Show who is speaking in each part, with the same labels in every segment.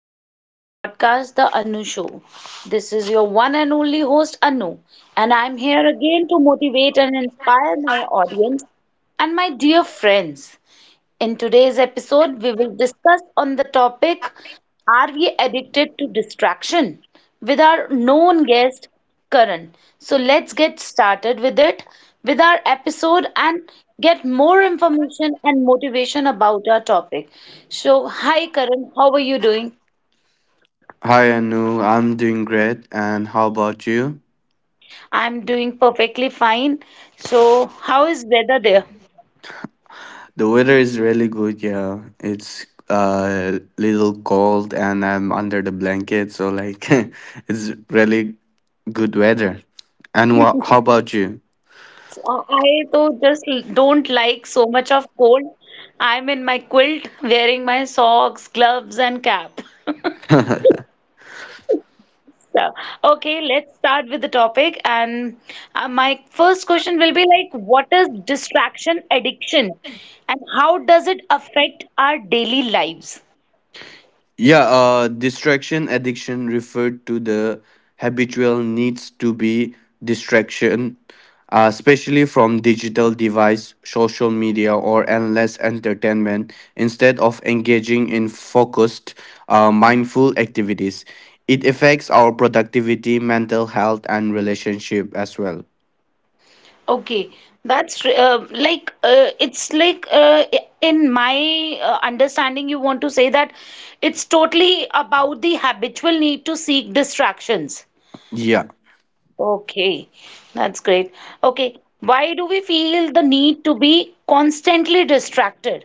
Speaker 1: welcome to my podcast, The Anu Show. This is your one and only host, Anu, and I'm here again to motivate and inspire my audience and my dear friends. In today's episode, we will discuss on the topic, are we addicted to distraction? With our known guest Karan. So let's get started with it, with our episode and get more information and motivation about our topic. So hi Karan, how are you doing?
Speaker 2: Hi Anu, I'm doing great, and how about you?
Speaker 1: I'm doing perfectly fine. So how is weather there?
Speaker 2: The weather is really good, yeah. It's a little cold, and I'm under the blanket, so like it's really good weather. And what? How about you?
Speaker 1: So I though just don't like so much of cold. I'm in my quilt wearing my socks, gloves, and cap. So, okay, let's start with the topic. And my first question will be like, what is distraction addiction and how does it affect our daily lives?
Speaker 2: Yeah, Distraction addiction referred to the habitual needs to be distraction, especially from digital device, social media, or endless entertainment, instead of engaging in focused, mindful activities. It affects our productivity, mental health, and relationship as well.
Speaker 1: Okay, that's it's like in my understanding, you want to say that it's totally about the habitual need to seek distractions.
Speaker 2: Yeah.
Speaker 1: Okay, that's great. Okay, why do we feel the need to be constantly distracted?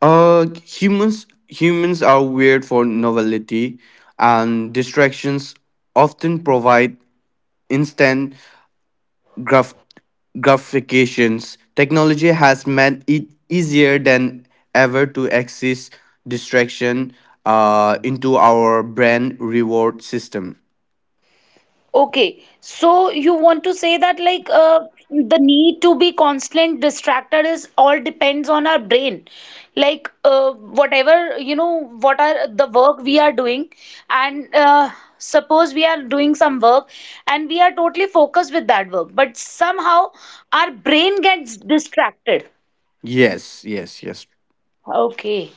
Speaker 2: Humans are weird for novelty, and distractions often provide instant graph- gratifications. Technology has made it easier than ever to access distraction into our brain reward system.
Speaker 1: Okay, so you want to say that the need to be constant distracted is all depends on our brain. Whatever, you know, what are the work we are doing and suppose we are doing some work and we are totally focused with that work, but somehow our brain gets distracted.
Speaker 2: Yes, yes, yes.
Speaker 1: Okay.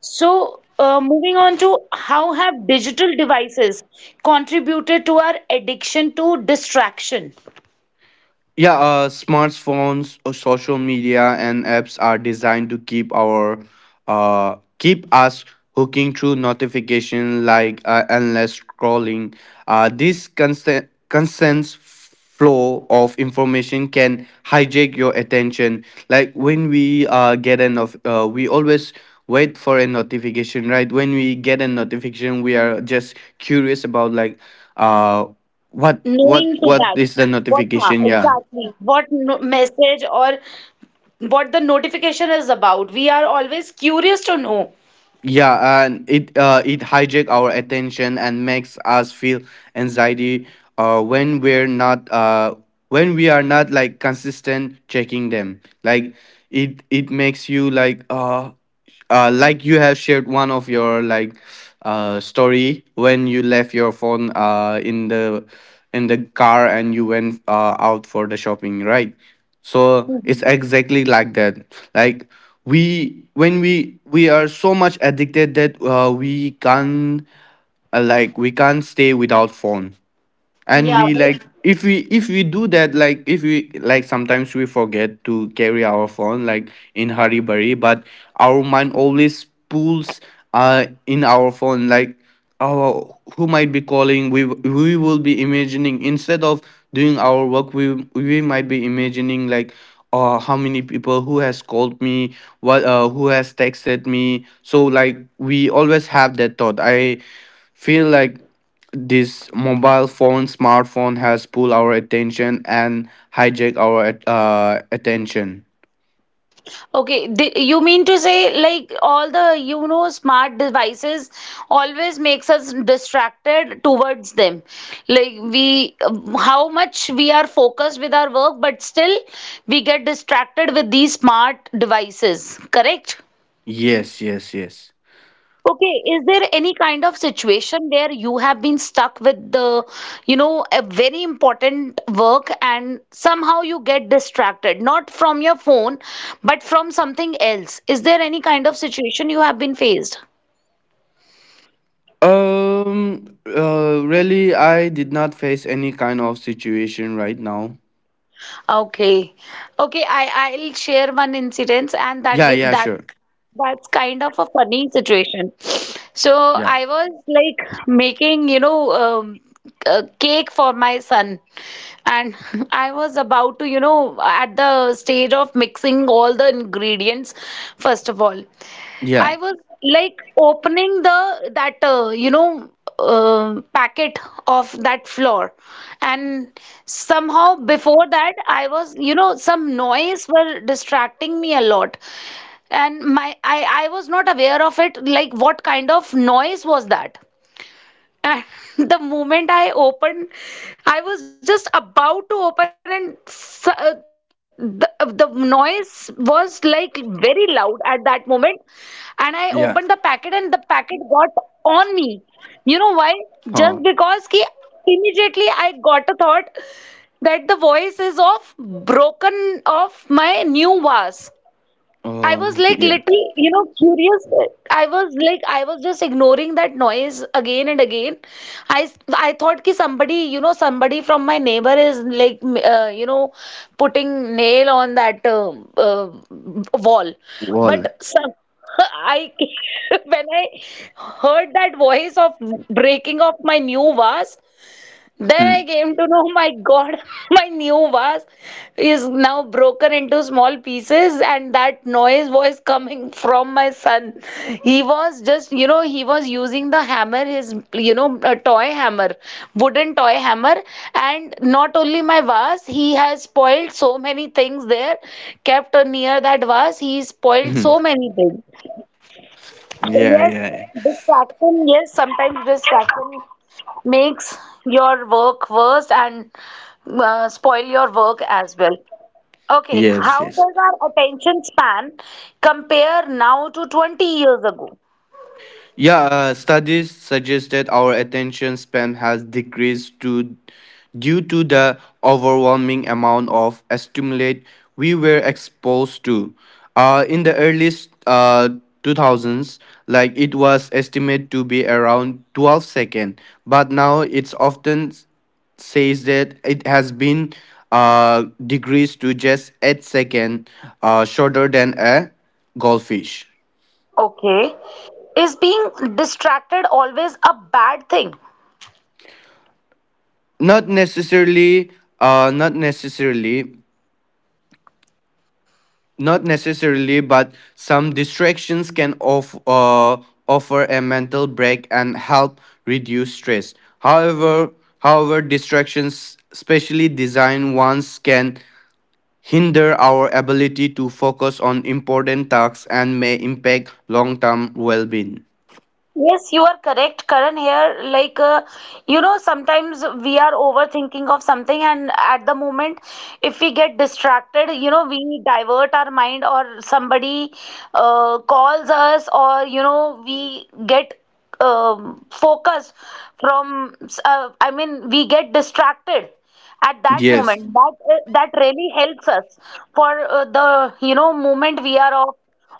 Speaker 1: So, moving on to, how have digital devices contributed to our addiction to distraction?
Speaker 2: Yeah, Smartphones, social media, and apps are designed to keep us hooking through notification like endless scrolling. This constant flow of information can hijack your attention. Like when we get an of we always wait for a notification, right? When we get a notification, we are just curious about uh
Speaker 1: Knowing to
Speaker 2: what
Speaker 1: that
Speaker 2: is the
Speaker 1: what huh,
Speaker 2: notification? Yeah.
Speaker 1: exactly what no message or what the notification is about, we are always curious to know.
Speaker 2: Yeah, and it hijack our attention and makes us feel anxiety uh, when we're not uh, when we are not like consistent checking them. Like it makes you like you have shared one of your story when you left your phone in the car and you went out for the shopping, right? So it's
Speaker 1: Mhm.
Speaker 2: exactly like that. Like we when we are so much addicted that we can't we can't stay without phone. And
Speaker 1: Yeah,
Speaker 2: we
Speaker 1: very.
Speaker 2: like if we if we do that, like if we like sometimes we forget to carry our phone like in hurry burry, but our mind always pulls in our phone, like oh, who might be calling? We will be imagining instead of doing our work. We might be imagining like how many people who has called me, what who has texted me. So like, we always have that thought. I feel like this mobile phone smartphone has pulled our attention and hijacked our attention.
Speaker 1: Okay, you mean to say like all the, you know, smart devices always makes us distracted towards them. Like we, how much we are focused with our work, but still we get distracted with these smart devices, correct?
Speaker 2: Yes, yes, yes.
Speaker 1: Okay, is there any kind of situation where you have been stuck with the, you know, a very important work and somehow you get distracted, not from your phone, but from something else? Is there any kind of situation you have been faced?
Speaker 2: Really, I did not face any kind of situation right now.
Speaker 1: Okay. Okay, I'll share one incident, and that
Speaker 2: Yeah,
Speaker 1: will
Speaker 2: yeah,
Speaker 1: that
Speaker 2: sure.
Speaker 1: That's kind of a funny situation. So
Speaker 2: Yeah.
Speaker 1: I was like making, you know, a cake for my son, and I was about to, you know, at the stage of mixing all the ingredients, first of all.
Speaker 2: Yeah.
Speaker 1: I was like opening the that you know, packet of that floor, and somehow before that I was, you know, some noise were distracting me a lot, and my I was not aware of it, like what kind of noise was that. And the moment I opened, I was just about to open, and the noise was like very loud at that moment. And I opened the
Speaker 2: Yeah.
Speaker 1: packet, and the packet got on me. You know why? Just
Speaker 2: Huh.
Speaker 1: because ki immediately I got a thought that the voice is of broken of my new vase. I
Speaker 2: Oh.
Speaker 1: was like
Speaker 2: Yeah.
Speaker 1: little, you know, curious. I was like, I was just ignoring that noise again and again. I thought कि somebody, you know, somebody from my neighbor is like, you know, putting nail on that wall.
Speaker 2: Well.
Speaker 1: But some, I when I heard that voice of breaking of my new vase, then I came to know, my God, my new vase is now broken into small pieces, and that noise was coming from my son. He was just, you know, he was using the hammer, his, you know, a toy hammer, wooden toy hammer. And not only my vase, he has spoiled so many things there, kept near that vase, he spoiled
Speaker 2: Yeah,
Speaker 1: so many things. So,
Speaker 2: yeah,
Speaker 1: yes,
Speaker 2: yeah.
Speaker 1: distraction, yes, sometimes distraction makes your work worse and spoil your work as well. Okay,
Speaker 2: Yes,
Speaker 1: how
Speaker 2: yes.
Speaker 1: does our attention span compare now to 20 years ago?
Speaker 2: Yeah, Studies suggest that our attention span has decreased to, due to the overwhelming amount of stimulate we were exposed to. In the early uh, 2000s, like it was estimated to be around 12 seconds, but now it's often says that it has been decreased to just 8 seconds, shorter than a goldfish.
Speaker 1: Okay, is being distracted always a bad thing?
Speaker 2: not necessarily not necessarily. Not necessarily, but some distractions can offer a mental break and help reduce stress. However however distractions, specially designed ones, can hinder our ability to focus on important tasks and may impact long-term well-being.
Speaker 1: Yes, you are correct, Karan. Here, like, you know, sometimes we are overthinking of something, and at the moment, if we get distracted, you know, we divert our mind, or somebody calls us, or, you know, we get focused from, I mean, we get distracted at that
Speaker 2: Yes,
Speaker 1: moment. That, that really helps us for the, you know, moment we are off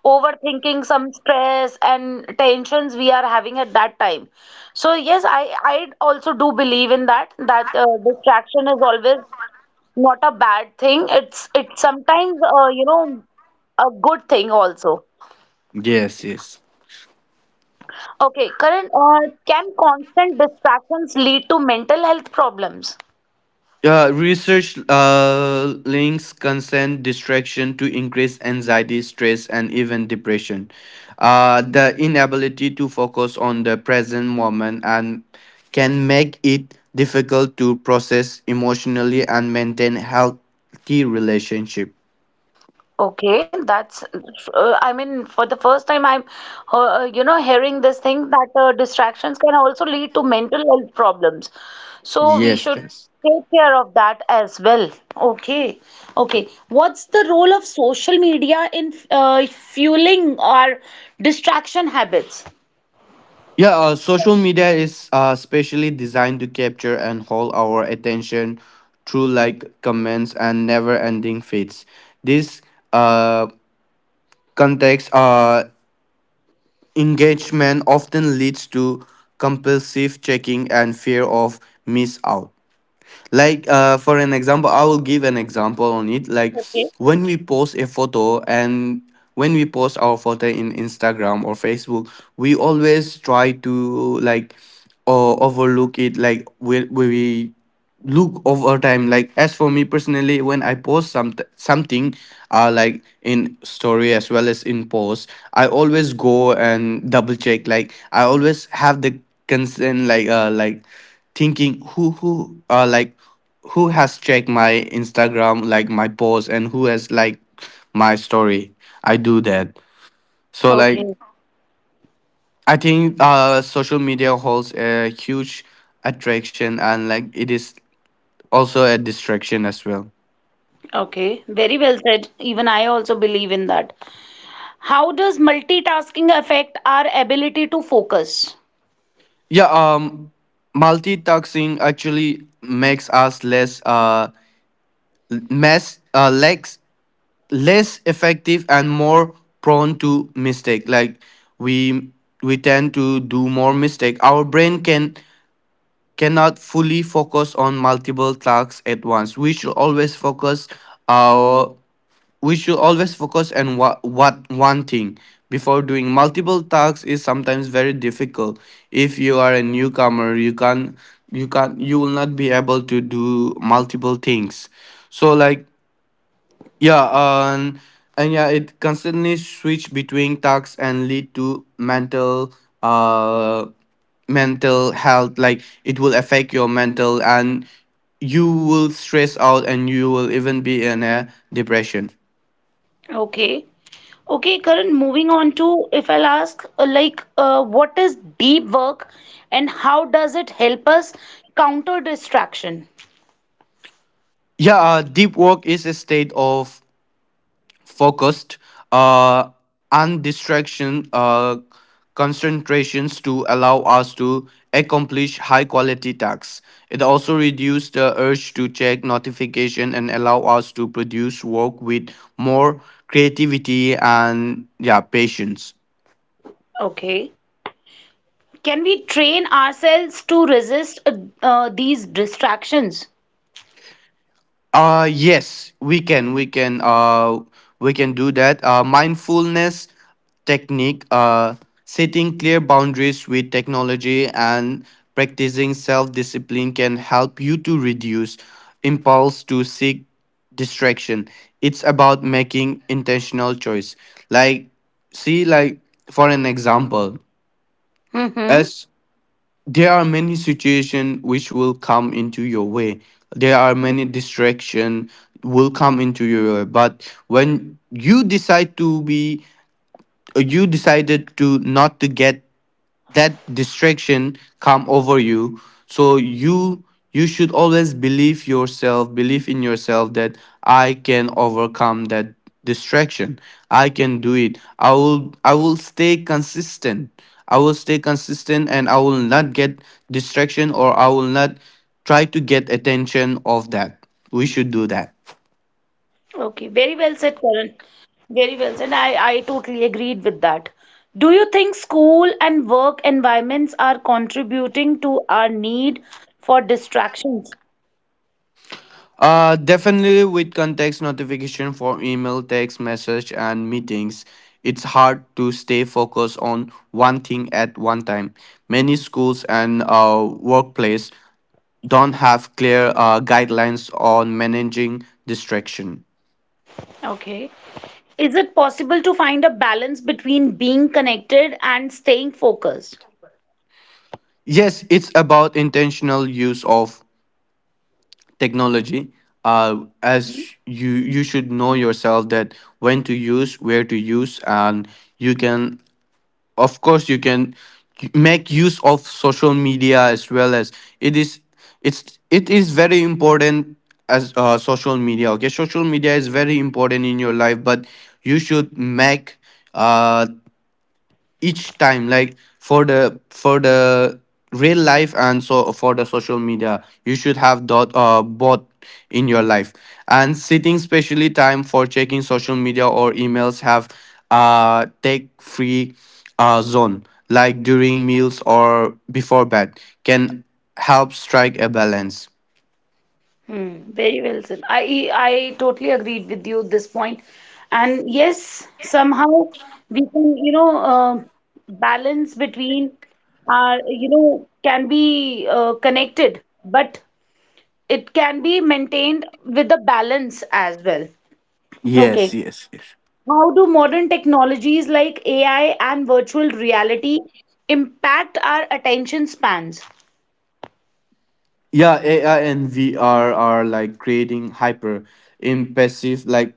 Speaker 1: overthinking some stress and tensions we are having at that time. So yes, I also do believe in that, that distraction is always not a bad thing. It's sometimes, you know, a good thing also.
Speaker 2: yes, yes.
Speaker 1: Okay Karan, can constant distractions lead to mental health problems?
Speaker 2: Research links consent distraction to increased anxiety, stress, and even depression. The inability to focus on the present moment and can make it difficult to process emotionally and maintain healthy relationship.
Speaker 1: Okay, that's, I mean, for the first time, I'm you know, hearing this thing that distractions can also lead to mental health problems. So we
Speaker 2: Yes,
Speaker 1: should
Speaker 2: yes.
Speaker 1: take care of that as well. Okay, okay. What's the role of social media in fueling our distraction habits?
Speaker 2: Yeah, Social media is specially designed to capture and hold our attention through like comments and never-ending feeds. This uh, Context engagement often leads to compulsive checking and fear of miss out. Like for an example, I will give an example on it. Like
Speaker 1: Okay,
Speaker 2: when we post a photo and when we post our photo in Instagram or Facebook, we always try to overlook it. Like we look over time, like as for me personally, when I post some something like in story as well as in post, I always go and double check. Like I always have the concern, like thinking who has checked my Instagram, like my post, and who has like my story. I do that. So like,
Speaker 1: okay,
Speaker 2: I think social media holds a huge attraction, and like it is also a distraction as well.
Speaker 1: okay. Very well said. Even I also believe in that. How does multitasking affect our ability to focus?
Speaker 2: Yeah, um, Multitasking actually makes us less less effective and more prone to mistake. Like we we tend to do more mistake. Our brain can Cannot fully focus on multiple tasks at once. We should always focus our we should always focus on what one thing before doing multiple tasks is sometimes very difficult. If you are a newcomer, you will not be able to do multiple things. So like, yeah um, yeah, it constantly switch between tasks and lead to uh mental health. Like it will affect your mental, and you will stress out, and you will even be in a depression.
Speaker 1: Okay. Okay, Karan, moving on to, if I'll ask, what is deep work and how does it help us counter distraction?
Speaker 2: Yeah, Deep work is a state of focused uh, and distraction concentrations to allow us to accomplish high quality tasks. It also reduces the urge to check notification and allow us to produce work with more creativity and yeah patience.
Speaker 1: Okay. Can we train ourselves to resist these distractions?
Speaker 2: Yes, we can. We can do that. Mindfulness technique, setting clear boundaries with technology, and practicing self-discipline can help you to reduce impulse to seek distraction. It's about making intentional choice. Like see like For an example,
Speaker 1: Mm-hmm.
Speaker 2: as there are many situations which will come into your way. There are many distractions will come into your way. But when you decide to be, you decided to not to get that distraction come over you. So you should always believe yourself, believe in yourself, that I can overcome that distraction. I can do it. I will stay consistent. I will stay consistent, and I will not get distraction, or I will not try to get attention of that. We should do that.
Speaker 1: Okay, very well said, Karan. Very well said. I totally agreed with that. Do you think school and work environments are contributing to our need for distractions?
Speaker 2: Definitely, with context notification for email, text message, and meetings, it's hard to stay focused on one thing at one time. Many schools and workplace don't have clear guidelines on managing distraction.
Speaker 1: Okay. Is it possible to find a balance between being connected and staying focused?
Speaker 2: Yes, it's about intentional use of technology. As you should know yourself that when to use, where to use, and you can, of course you can make use of social media as well. As it is, it is very important. As social media, okay, social media is very important in your life, but you should make uh each time, like for the real life, and so for the social media, you should have dot both in your life, and sitting specially time for checking social media or emails, have take free zone, like during meals or before bed, can help strike a balance.
Speaker 1: Hmm, very well said. I totally agreed with you at this point. And yes, somehow we can, you know, balance between our, you know, can be connected, but it can be maintained with a balance as well.
Speaker 2: Yes,
Speaker 1: Okay.
Speaker 2: yes, yes.
Speaker 1: How do modern technologies like AI and virtual reality impact our attention spans?
Speaker 2: Yeah, AI and VR are like creating hyper impressive, like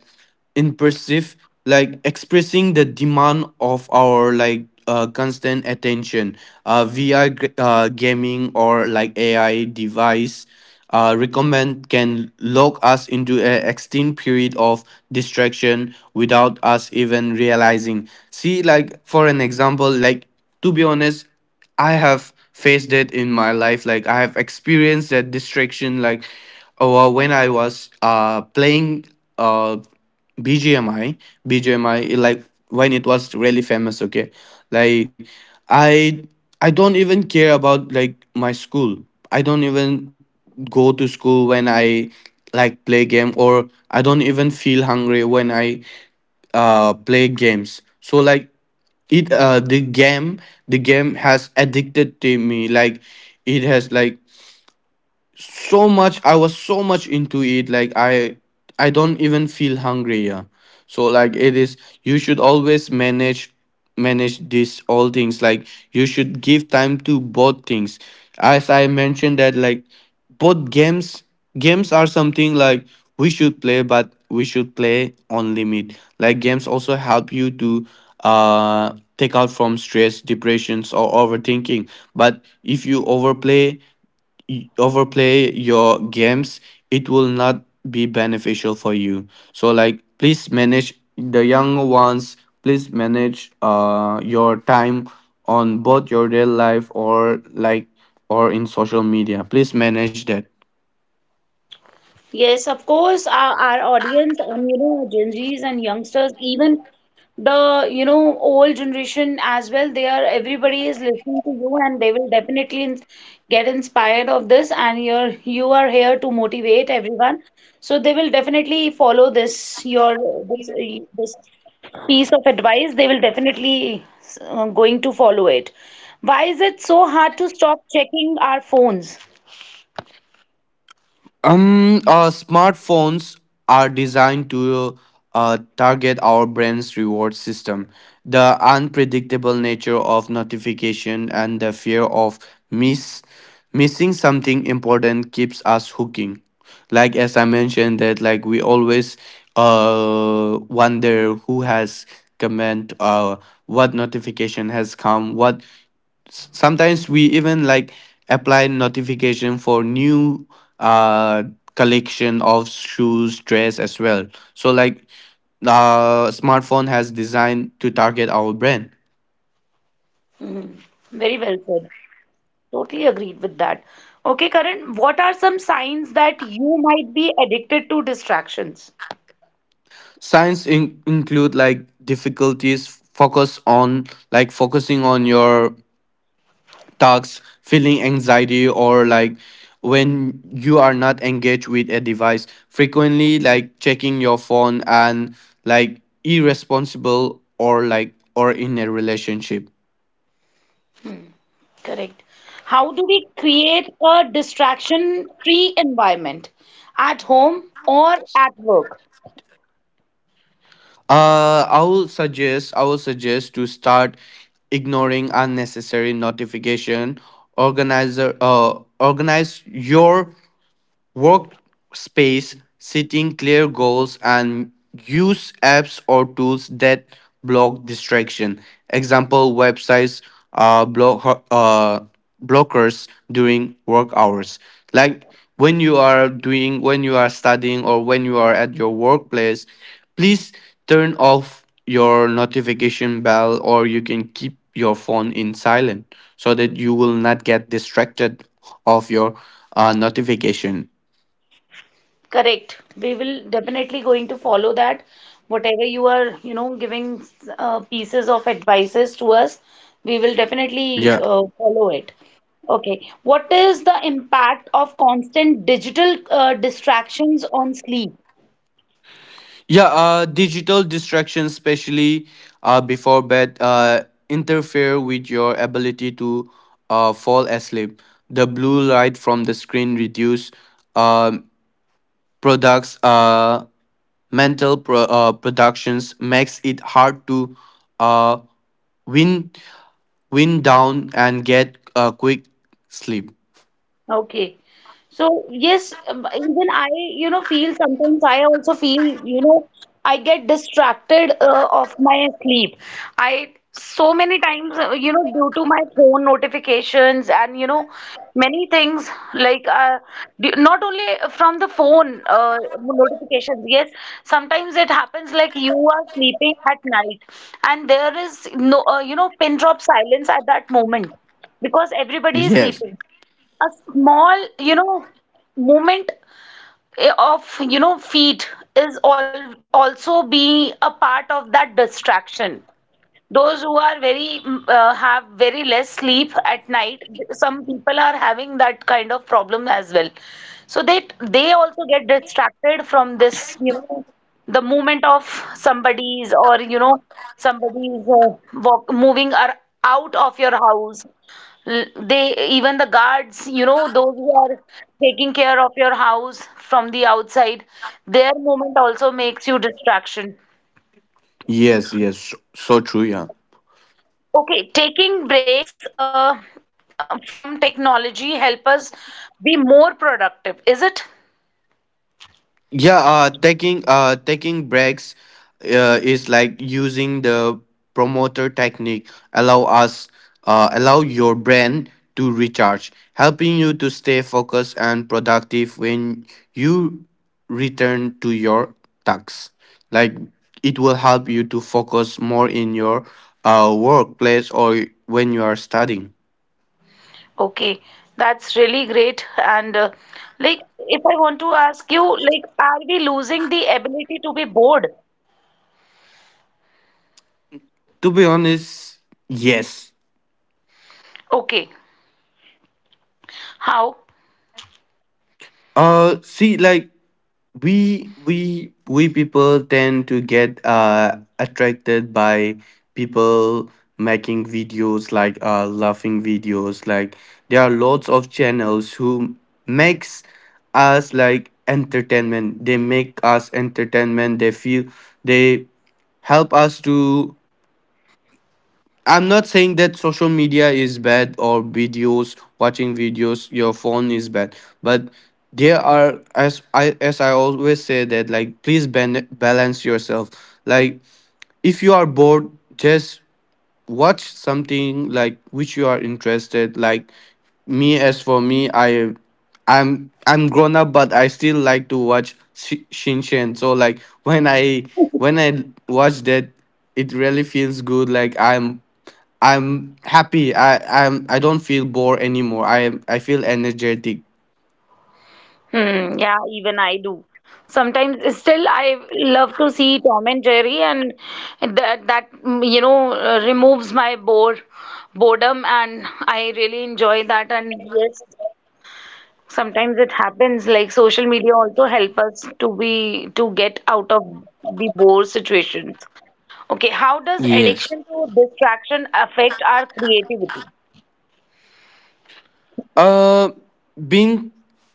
Speaker 2: impressive, like expressing the demand of our like constant attention. VR gaming or like AI device recommend can lock us into an extended period of distraction without us even realizing. See, like for an example, like to be honest. I have faced it in my life. Like I have experienced that distraction. Like when I was playing uh BGMI, BGMI, like when it was really famous. Okay, like I I don't even care about like my school. I don't even go to school when I like play game, or I don't even feel hungry when I play games. So like, it the game, the game has addicted to me. Like it has like, so much I was so much into it. Like I don't even feel hungry, yeah. So like it is, you should always manage this all things. Like you should give time to both things, as I mentioned that, like both games, games are something like we should play, but we should play on limit. Like games also help you to take out from stress, depressions, or overthinking. But if you overplay your games, it will not be beneficial for you. So like, please manage the young ones, please manage your time on both your real life, or like or in social media. Please manage that.
Speaker 1: Yes, of course, our audience and, you know, Gen Zs and youngsters, even the, you know, old generation as well, they are, everybody is listening to you and they will get inspired of this, and you are here to motivate everyone. So they will definitely follow this your this piece of advice. They will definitely going to follow it. Why is it so hard to stop checking our phones?
Speaker 2: Smartphones are designed to target our brain's reward system. The unpredictable nature of notification and the fear of miss missing something important keeps us hooking. Like as I mentioned that, like we always wonder who has comment, what notification has come, sometimes we even like apply notification for new uh collection of shoes dress as well. So like, smartphone has designed to target our brand.
Speaker 1: Mhm. Very well said. Totally agreed with that. Okay, Karan, what are some signs that you might be addicted to distractions?
Speaker 2: Signs include like difficulties focus on, like focusing on your tasks, feeling anxiety, or like when you are not engaged with a device, frequently like checking your phone, and like irresponsible or like or in a relationship.
Speaker 1: Correct. How do we create a distraction-free environment at home or at work?
Speaker 2: I will suggest to start ignoring unnecessary notification. Organize your workspace, setting clear goals, and use apps or tools that block distraction. Example websites uh, block, uh, blockers during work hours. Like when you are studying, or when you are at your workplace, please turn off your notification bell, or you can keep your phone in silent so that you will not get distracted of your notification.
Speaker 1: Correct. We will definitely going to follow that. Whatever you are, you know, giving pieces of advices to us, we will definitely
Speaker 2: Yeah.
Speaker 1: follow it. Okay. What is the impact of constant digital distractions on sleep?
Speaker 2: Yeah. Digital distractions, especially before bed, interfere with your ability to fall asleep. The blue light from the screen reduce um, products, mental productions, makes it hard to uh, wind wind down and get a quick sleep.
Speaker 1: Okay. So yes, even I, you know, feel sometimes I also feel, you know, I get distracted of my sleep. I so many times, you know, due to my phone notifications and, you know, many things like not only from the phone notifications. Yes, sometimes it happens like you are sleeping at night and there is no, you know, pin drop silence at that moment, because everybody is
Speaker 2: Yes.
Speaker 1: sleeping, a small, you know, movement of, you know, feet is all also be a part of that distraction. Those who are very have very less sleep at night, some people are having that kind of problem as well. So they also get distracted from this, you know, the movement of somebody's, or you know, somebody's walk, moving are out of your house. They even the guards, you know, those who are taking care of your house from the outside, their movement also makes you distraction.
Speaker 2: Yes. Yes. So true. Yeah.
Speaker 1: Okay, taking breaks from technology help us be more productive, is it?
Speaker 2: Yeah, taking breaks is like using the promoter technique. Allow your brain to recharge, helping you to stay focused and productive when you return to your tasks. Like it will help you to focus more in your workplace or when you are studying.
Speaker 1: Okay, that's really great. And like, if I want to ask you, like, are we losing the ability to be bored?
Speaker 2: To be honest, yes.
Speaker 1: Okay, how?
Speaker 2: See, like we people tend to get attracted by people making videos, like laughing videos. Like there are lots of channels who makes us like entertainment. They make us entertainment. They feel they help us to I'm not saying that social media is bad, or videos, watching videos, your phone is bad, but there are, as I always say, that like please balance yourself. Like if you are bored, just watch something like which you are interested. Like me, as for me, I'm grown up, but I still like to watch Shinchan. So like when I watch that, it really feels good. Like I'm happy. I don't feel bored anymore. I feel energetic.
Speaker 1: Hmm, yeah, even I do. Sometimes still I love to see Tom and Jerry, and you know, removes my boredom, and I really enjoy that. And yes, sometimes it happens like social media also help us to be, to get out of the bore situations. Okay, how does
Speaker 2: Yes.
Speaker 1: addiction to distraction affect our creativity?
Speaker 2: Uh, Being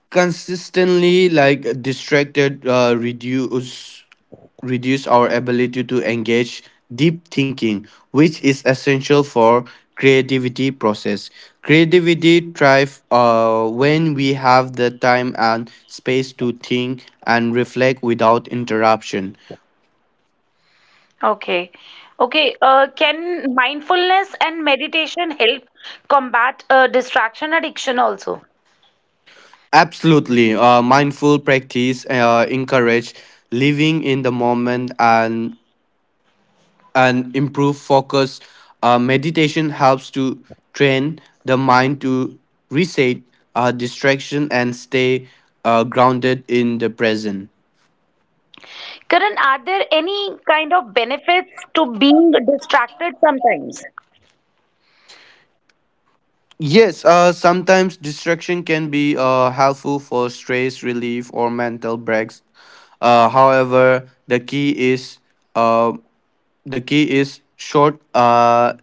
Speaker 2: consistently like distracted reduce reduce our ability to engage deep thinking, which is essential for creativity process. Creativity thrive when we have the time and space to think and reflect without interruption.
Speaker 1: Okay. Okay, can mindfulness and meditation help combat distraction addiction also?
Speaker 2: Absolutely. Mindful practice encourage living in the moment, and improve focus. Meditation helps to train the mind to reset distraction and stay grounded in the present.
Speaker 1: Karan, are there any kind of benefits to being distracted sometimes?
Speaker 2: Yes, sometimes distraction can be helpful for stress relief or mental breaks. However, uh, the key is short.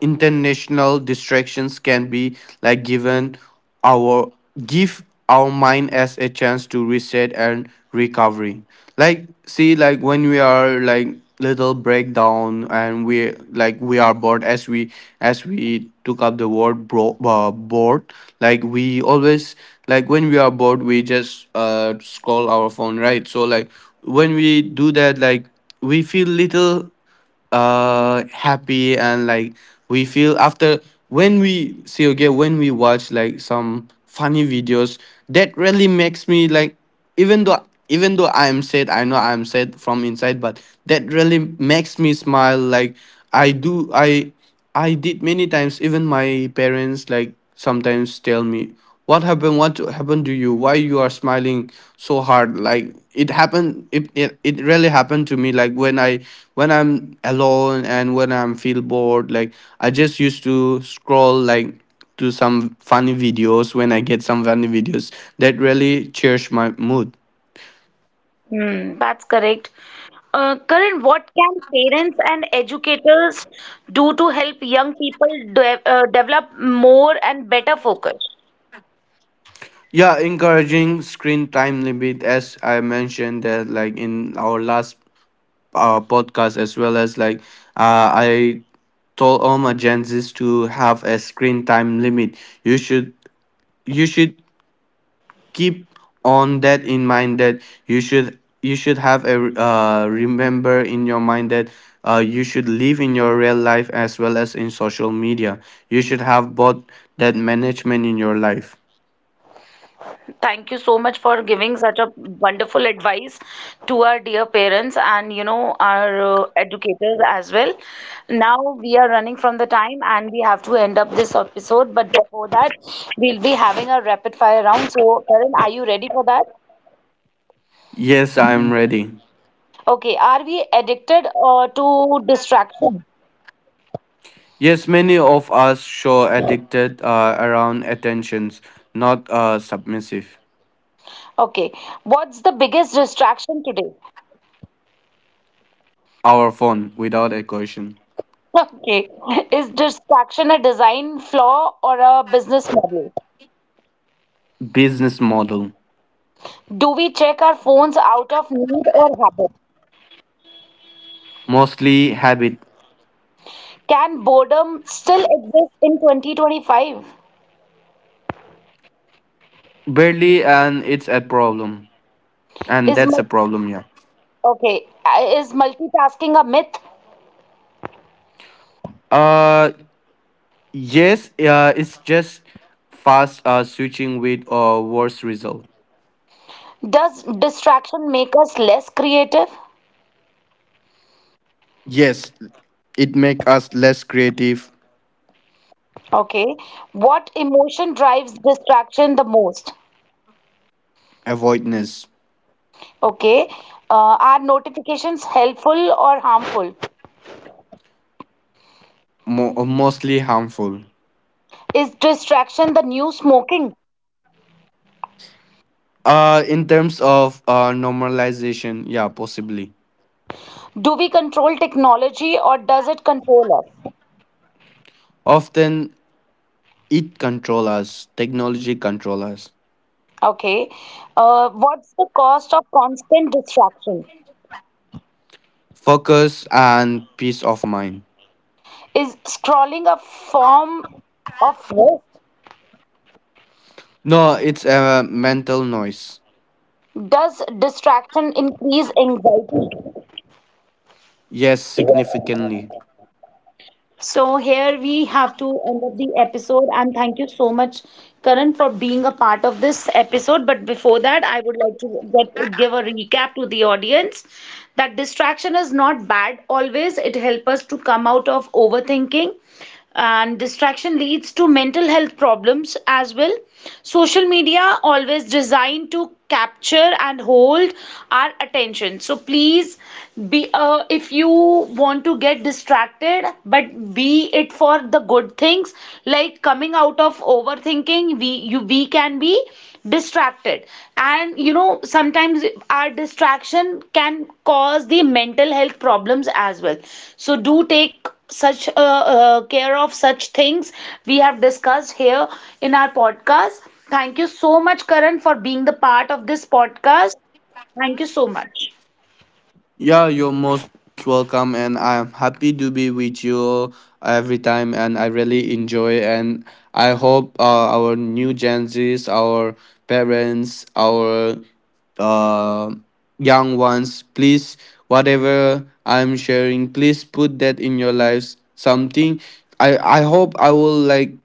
Speaker 2: International distractions can be like given our give our mind as a chance to reset and recovery. Like see, like when we are like little breakdown, and we like we are bored, as we took up the word bro, bored, like we always, like when we are bored, we just scroll our phone, right? So like when we do that, like we feel little happy, and like we feel after, when we see, okay, when we watch like some funny videos, that really makes me like, even though even though I'm sad, I know I'm sad from inside, but that really makes me smile. Like I I did many times. Even my parents like sometimes tell me, what happened, what happened to you, why you are smiling so hard? Like it really happened to me, like when I'm alone and when I'm feel bored. Like I just used to scroll like to some funny videos. When I get some funny videos, that really cheers my mood.
Speaker 1: Hmm, that's correct. Karan, what can parents and educators do to help young people de develop more and better focus?
Speaker 2: Yeah, encouraging screen time limit, as I mentioned that like in our last podcast as well. As like I told all my Gen Zs to have a screen time limit. You should you should keep on that in mind, that you should have a, remember in your mind, that you should live in your real life as well as in social media. You should have both, that management in your life.
Speaker 1: Thank you so much for giving such a wonderful advice to our dear parents and, you know, our educators as well. Now we are running from the time and we have to end up this episode, but before that, we'll be having a rapid fire round. So, Karan, are you ready for that?
Speaker 2: Yes, I'm ready.
Speaker 1: Okay, are we addicted to distraction?
Speaker 2: Yes, many of us show addicted around attentions, not submissive.
Speaker 1: Okay. What's the biggest distraction today?
Speaker 2: Our phone, without a question.
Speaker 1: Okay. Is distraction a design flaw or a business model?
Speaker 2: Business model.
Speaker 1: Do we check our phones out of need or habit?
Speaker 2: Mostly habit.
Speaker 1: Can boredom still exist in 2025?
Speaker 2: Barely, and it's a problem and
Speaker 1: Is
Speaker 2: that's a
Speaker 1: multi
Speaker 2: problem. Yeah.
Speaker 1: Okay, is multitasking a myth?
Speaker 2: Uh, yes. It's just fast switching with worse result.
Speaker 1: Does distraction make us less creative?
Speaker 2: Yes, it make us less creative.
Speaker 1: Okay. What emotion drives distraction the most?
Speaker 2: Avoidance.
Speaker 1: Okay. Are notifications helpful or harmful?
Speaker 2: Mostly harmful.
Speaker 1: Is distraction the new smoking?
Speaker 2: In terms of normalization, yeah, possibly.
Speaker 1: Do we control technology or does it control us?
Speaker 2: Often technology control us.
Speaker 1: Okay. What's the cost of constant distraction?
Speaker 2: Focus and peace of mind.
Speaker 1: Is scrolling a form of rest?
Speaker 2: No, it's a mental noise.
Speaker 1: Does distraction increase anxiety?
Speaker 2: Yes, significantly.
Speaker 1: So here we have to end up the episode and thank you so much, Karan, for being a part of this episode. But before that, I would like to get, give a recap to the audience that distraction is not bad always. It helps us to come out of overthinking, and distraction leads to mental health problems as well. Social media always designed to capture and hold our attention, so please be, if you want to get distracted, but be it for the good things, like coming out of overthinking, we, you, we can be distracted. And you know, sometimes our distraction can cause the mental health problems as well. So do take such care of such things we have discussed here in our podcast. Thank you so much Karan, for being the part of this podcast. Thank you so much.
Speaker 2: Yeah, you're most welcome, and I'm happy to be with you every time, and I really enjoy. And I hope our new Gen Zs, our parents, our uh, young ones, please, whatever I'm sharing, please put that in your lives. Something I hope I will like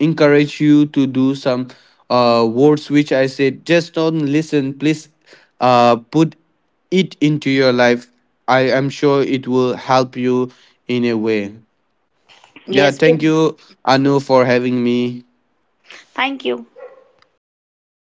Speaker 2: encourage you to do some words which I said. Just don't listen, please. Put it into your life. I am sure it will help you in a way. Yeah,
Speaker 1: Yes,
Speaker 2: thank you, Anu, for having me.
Speaker 1: thank you.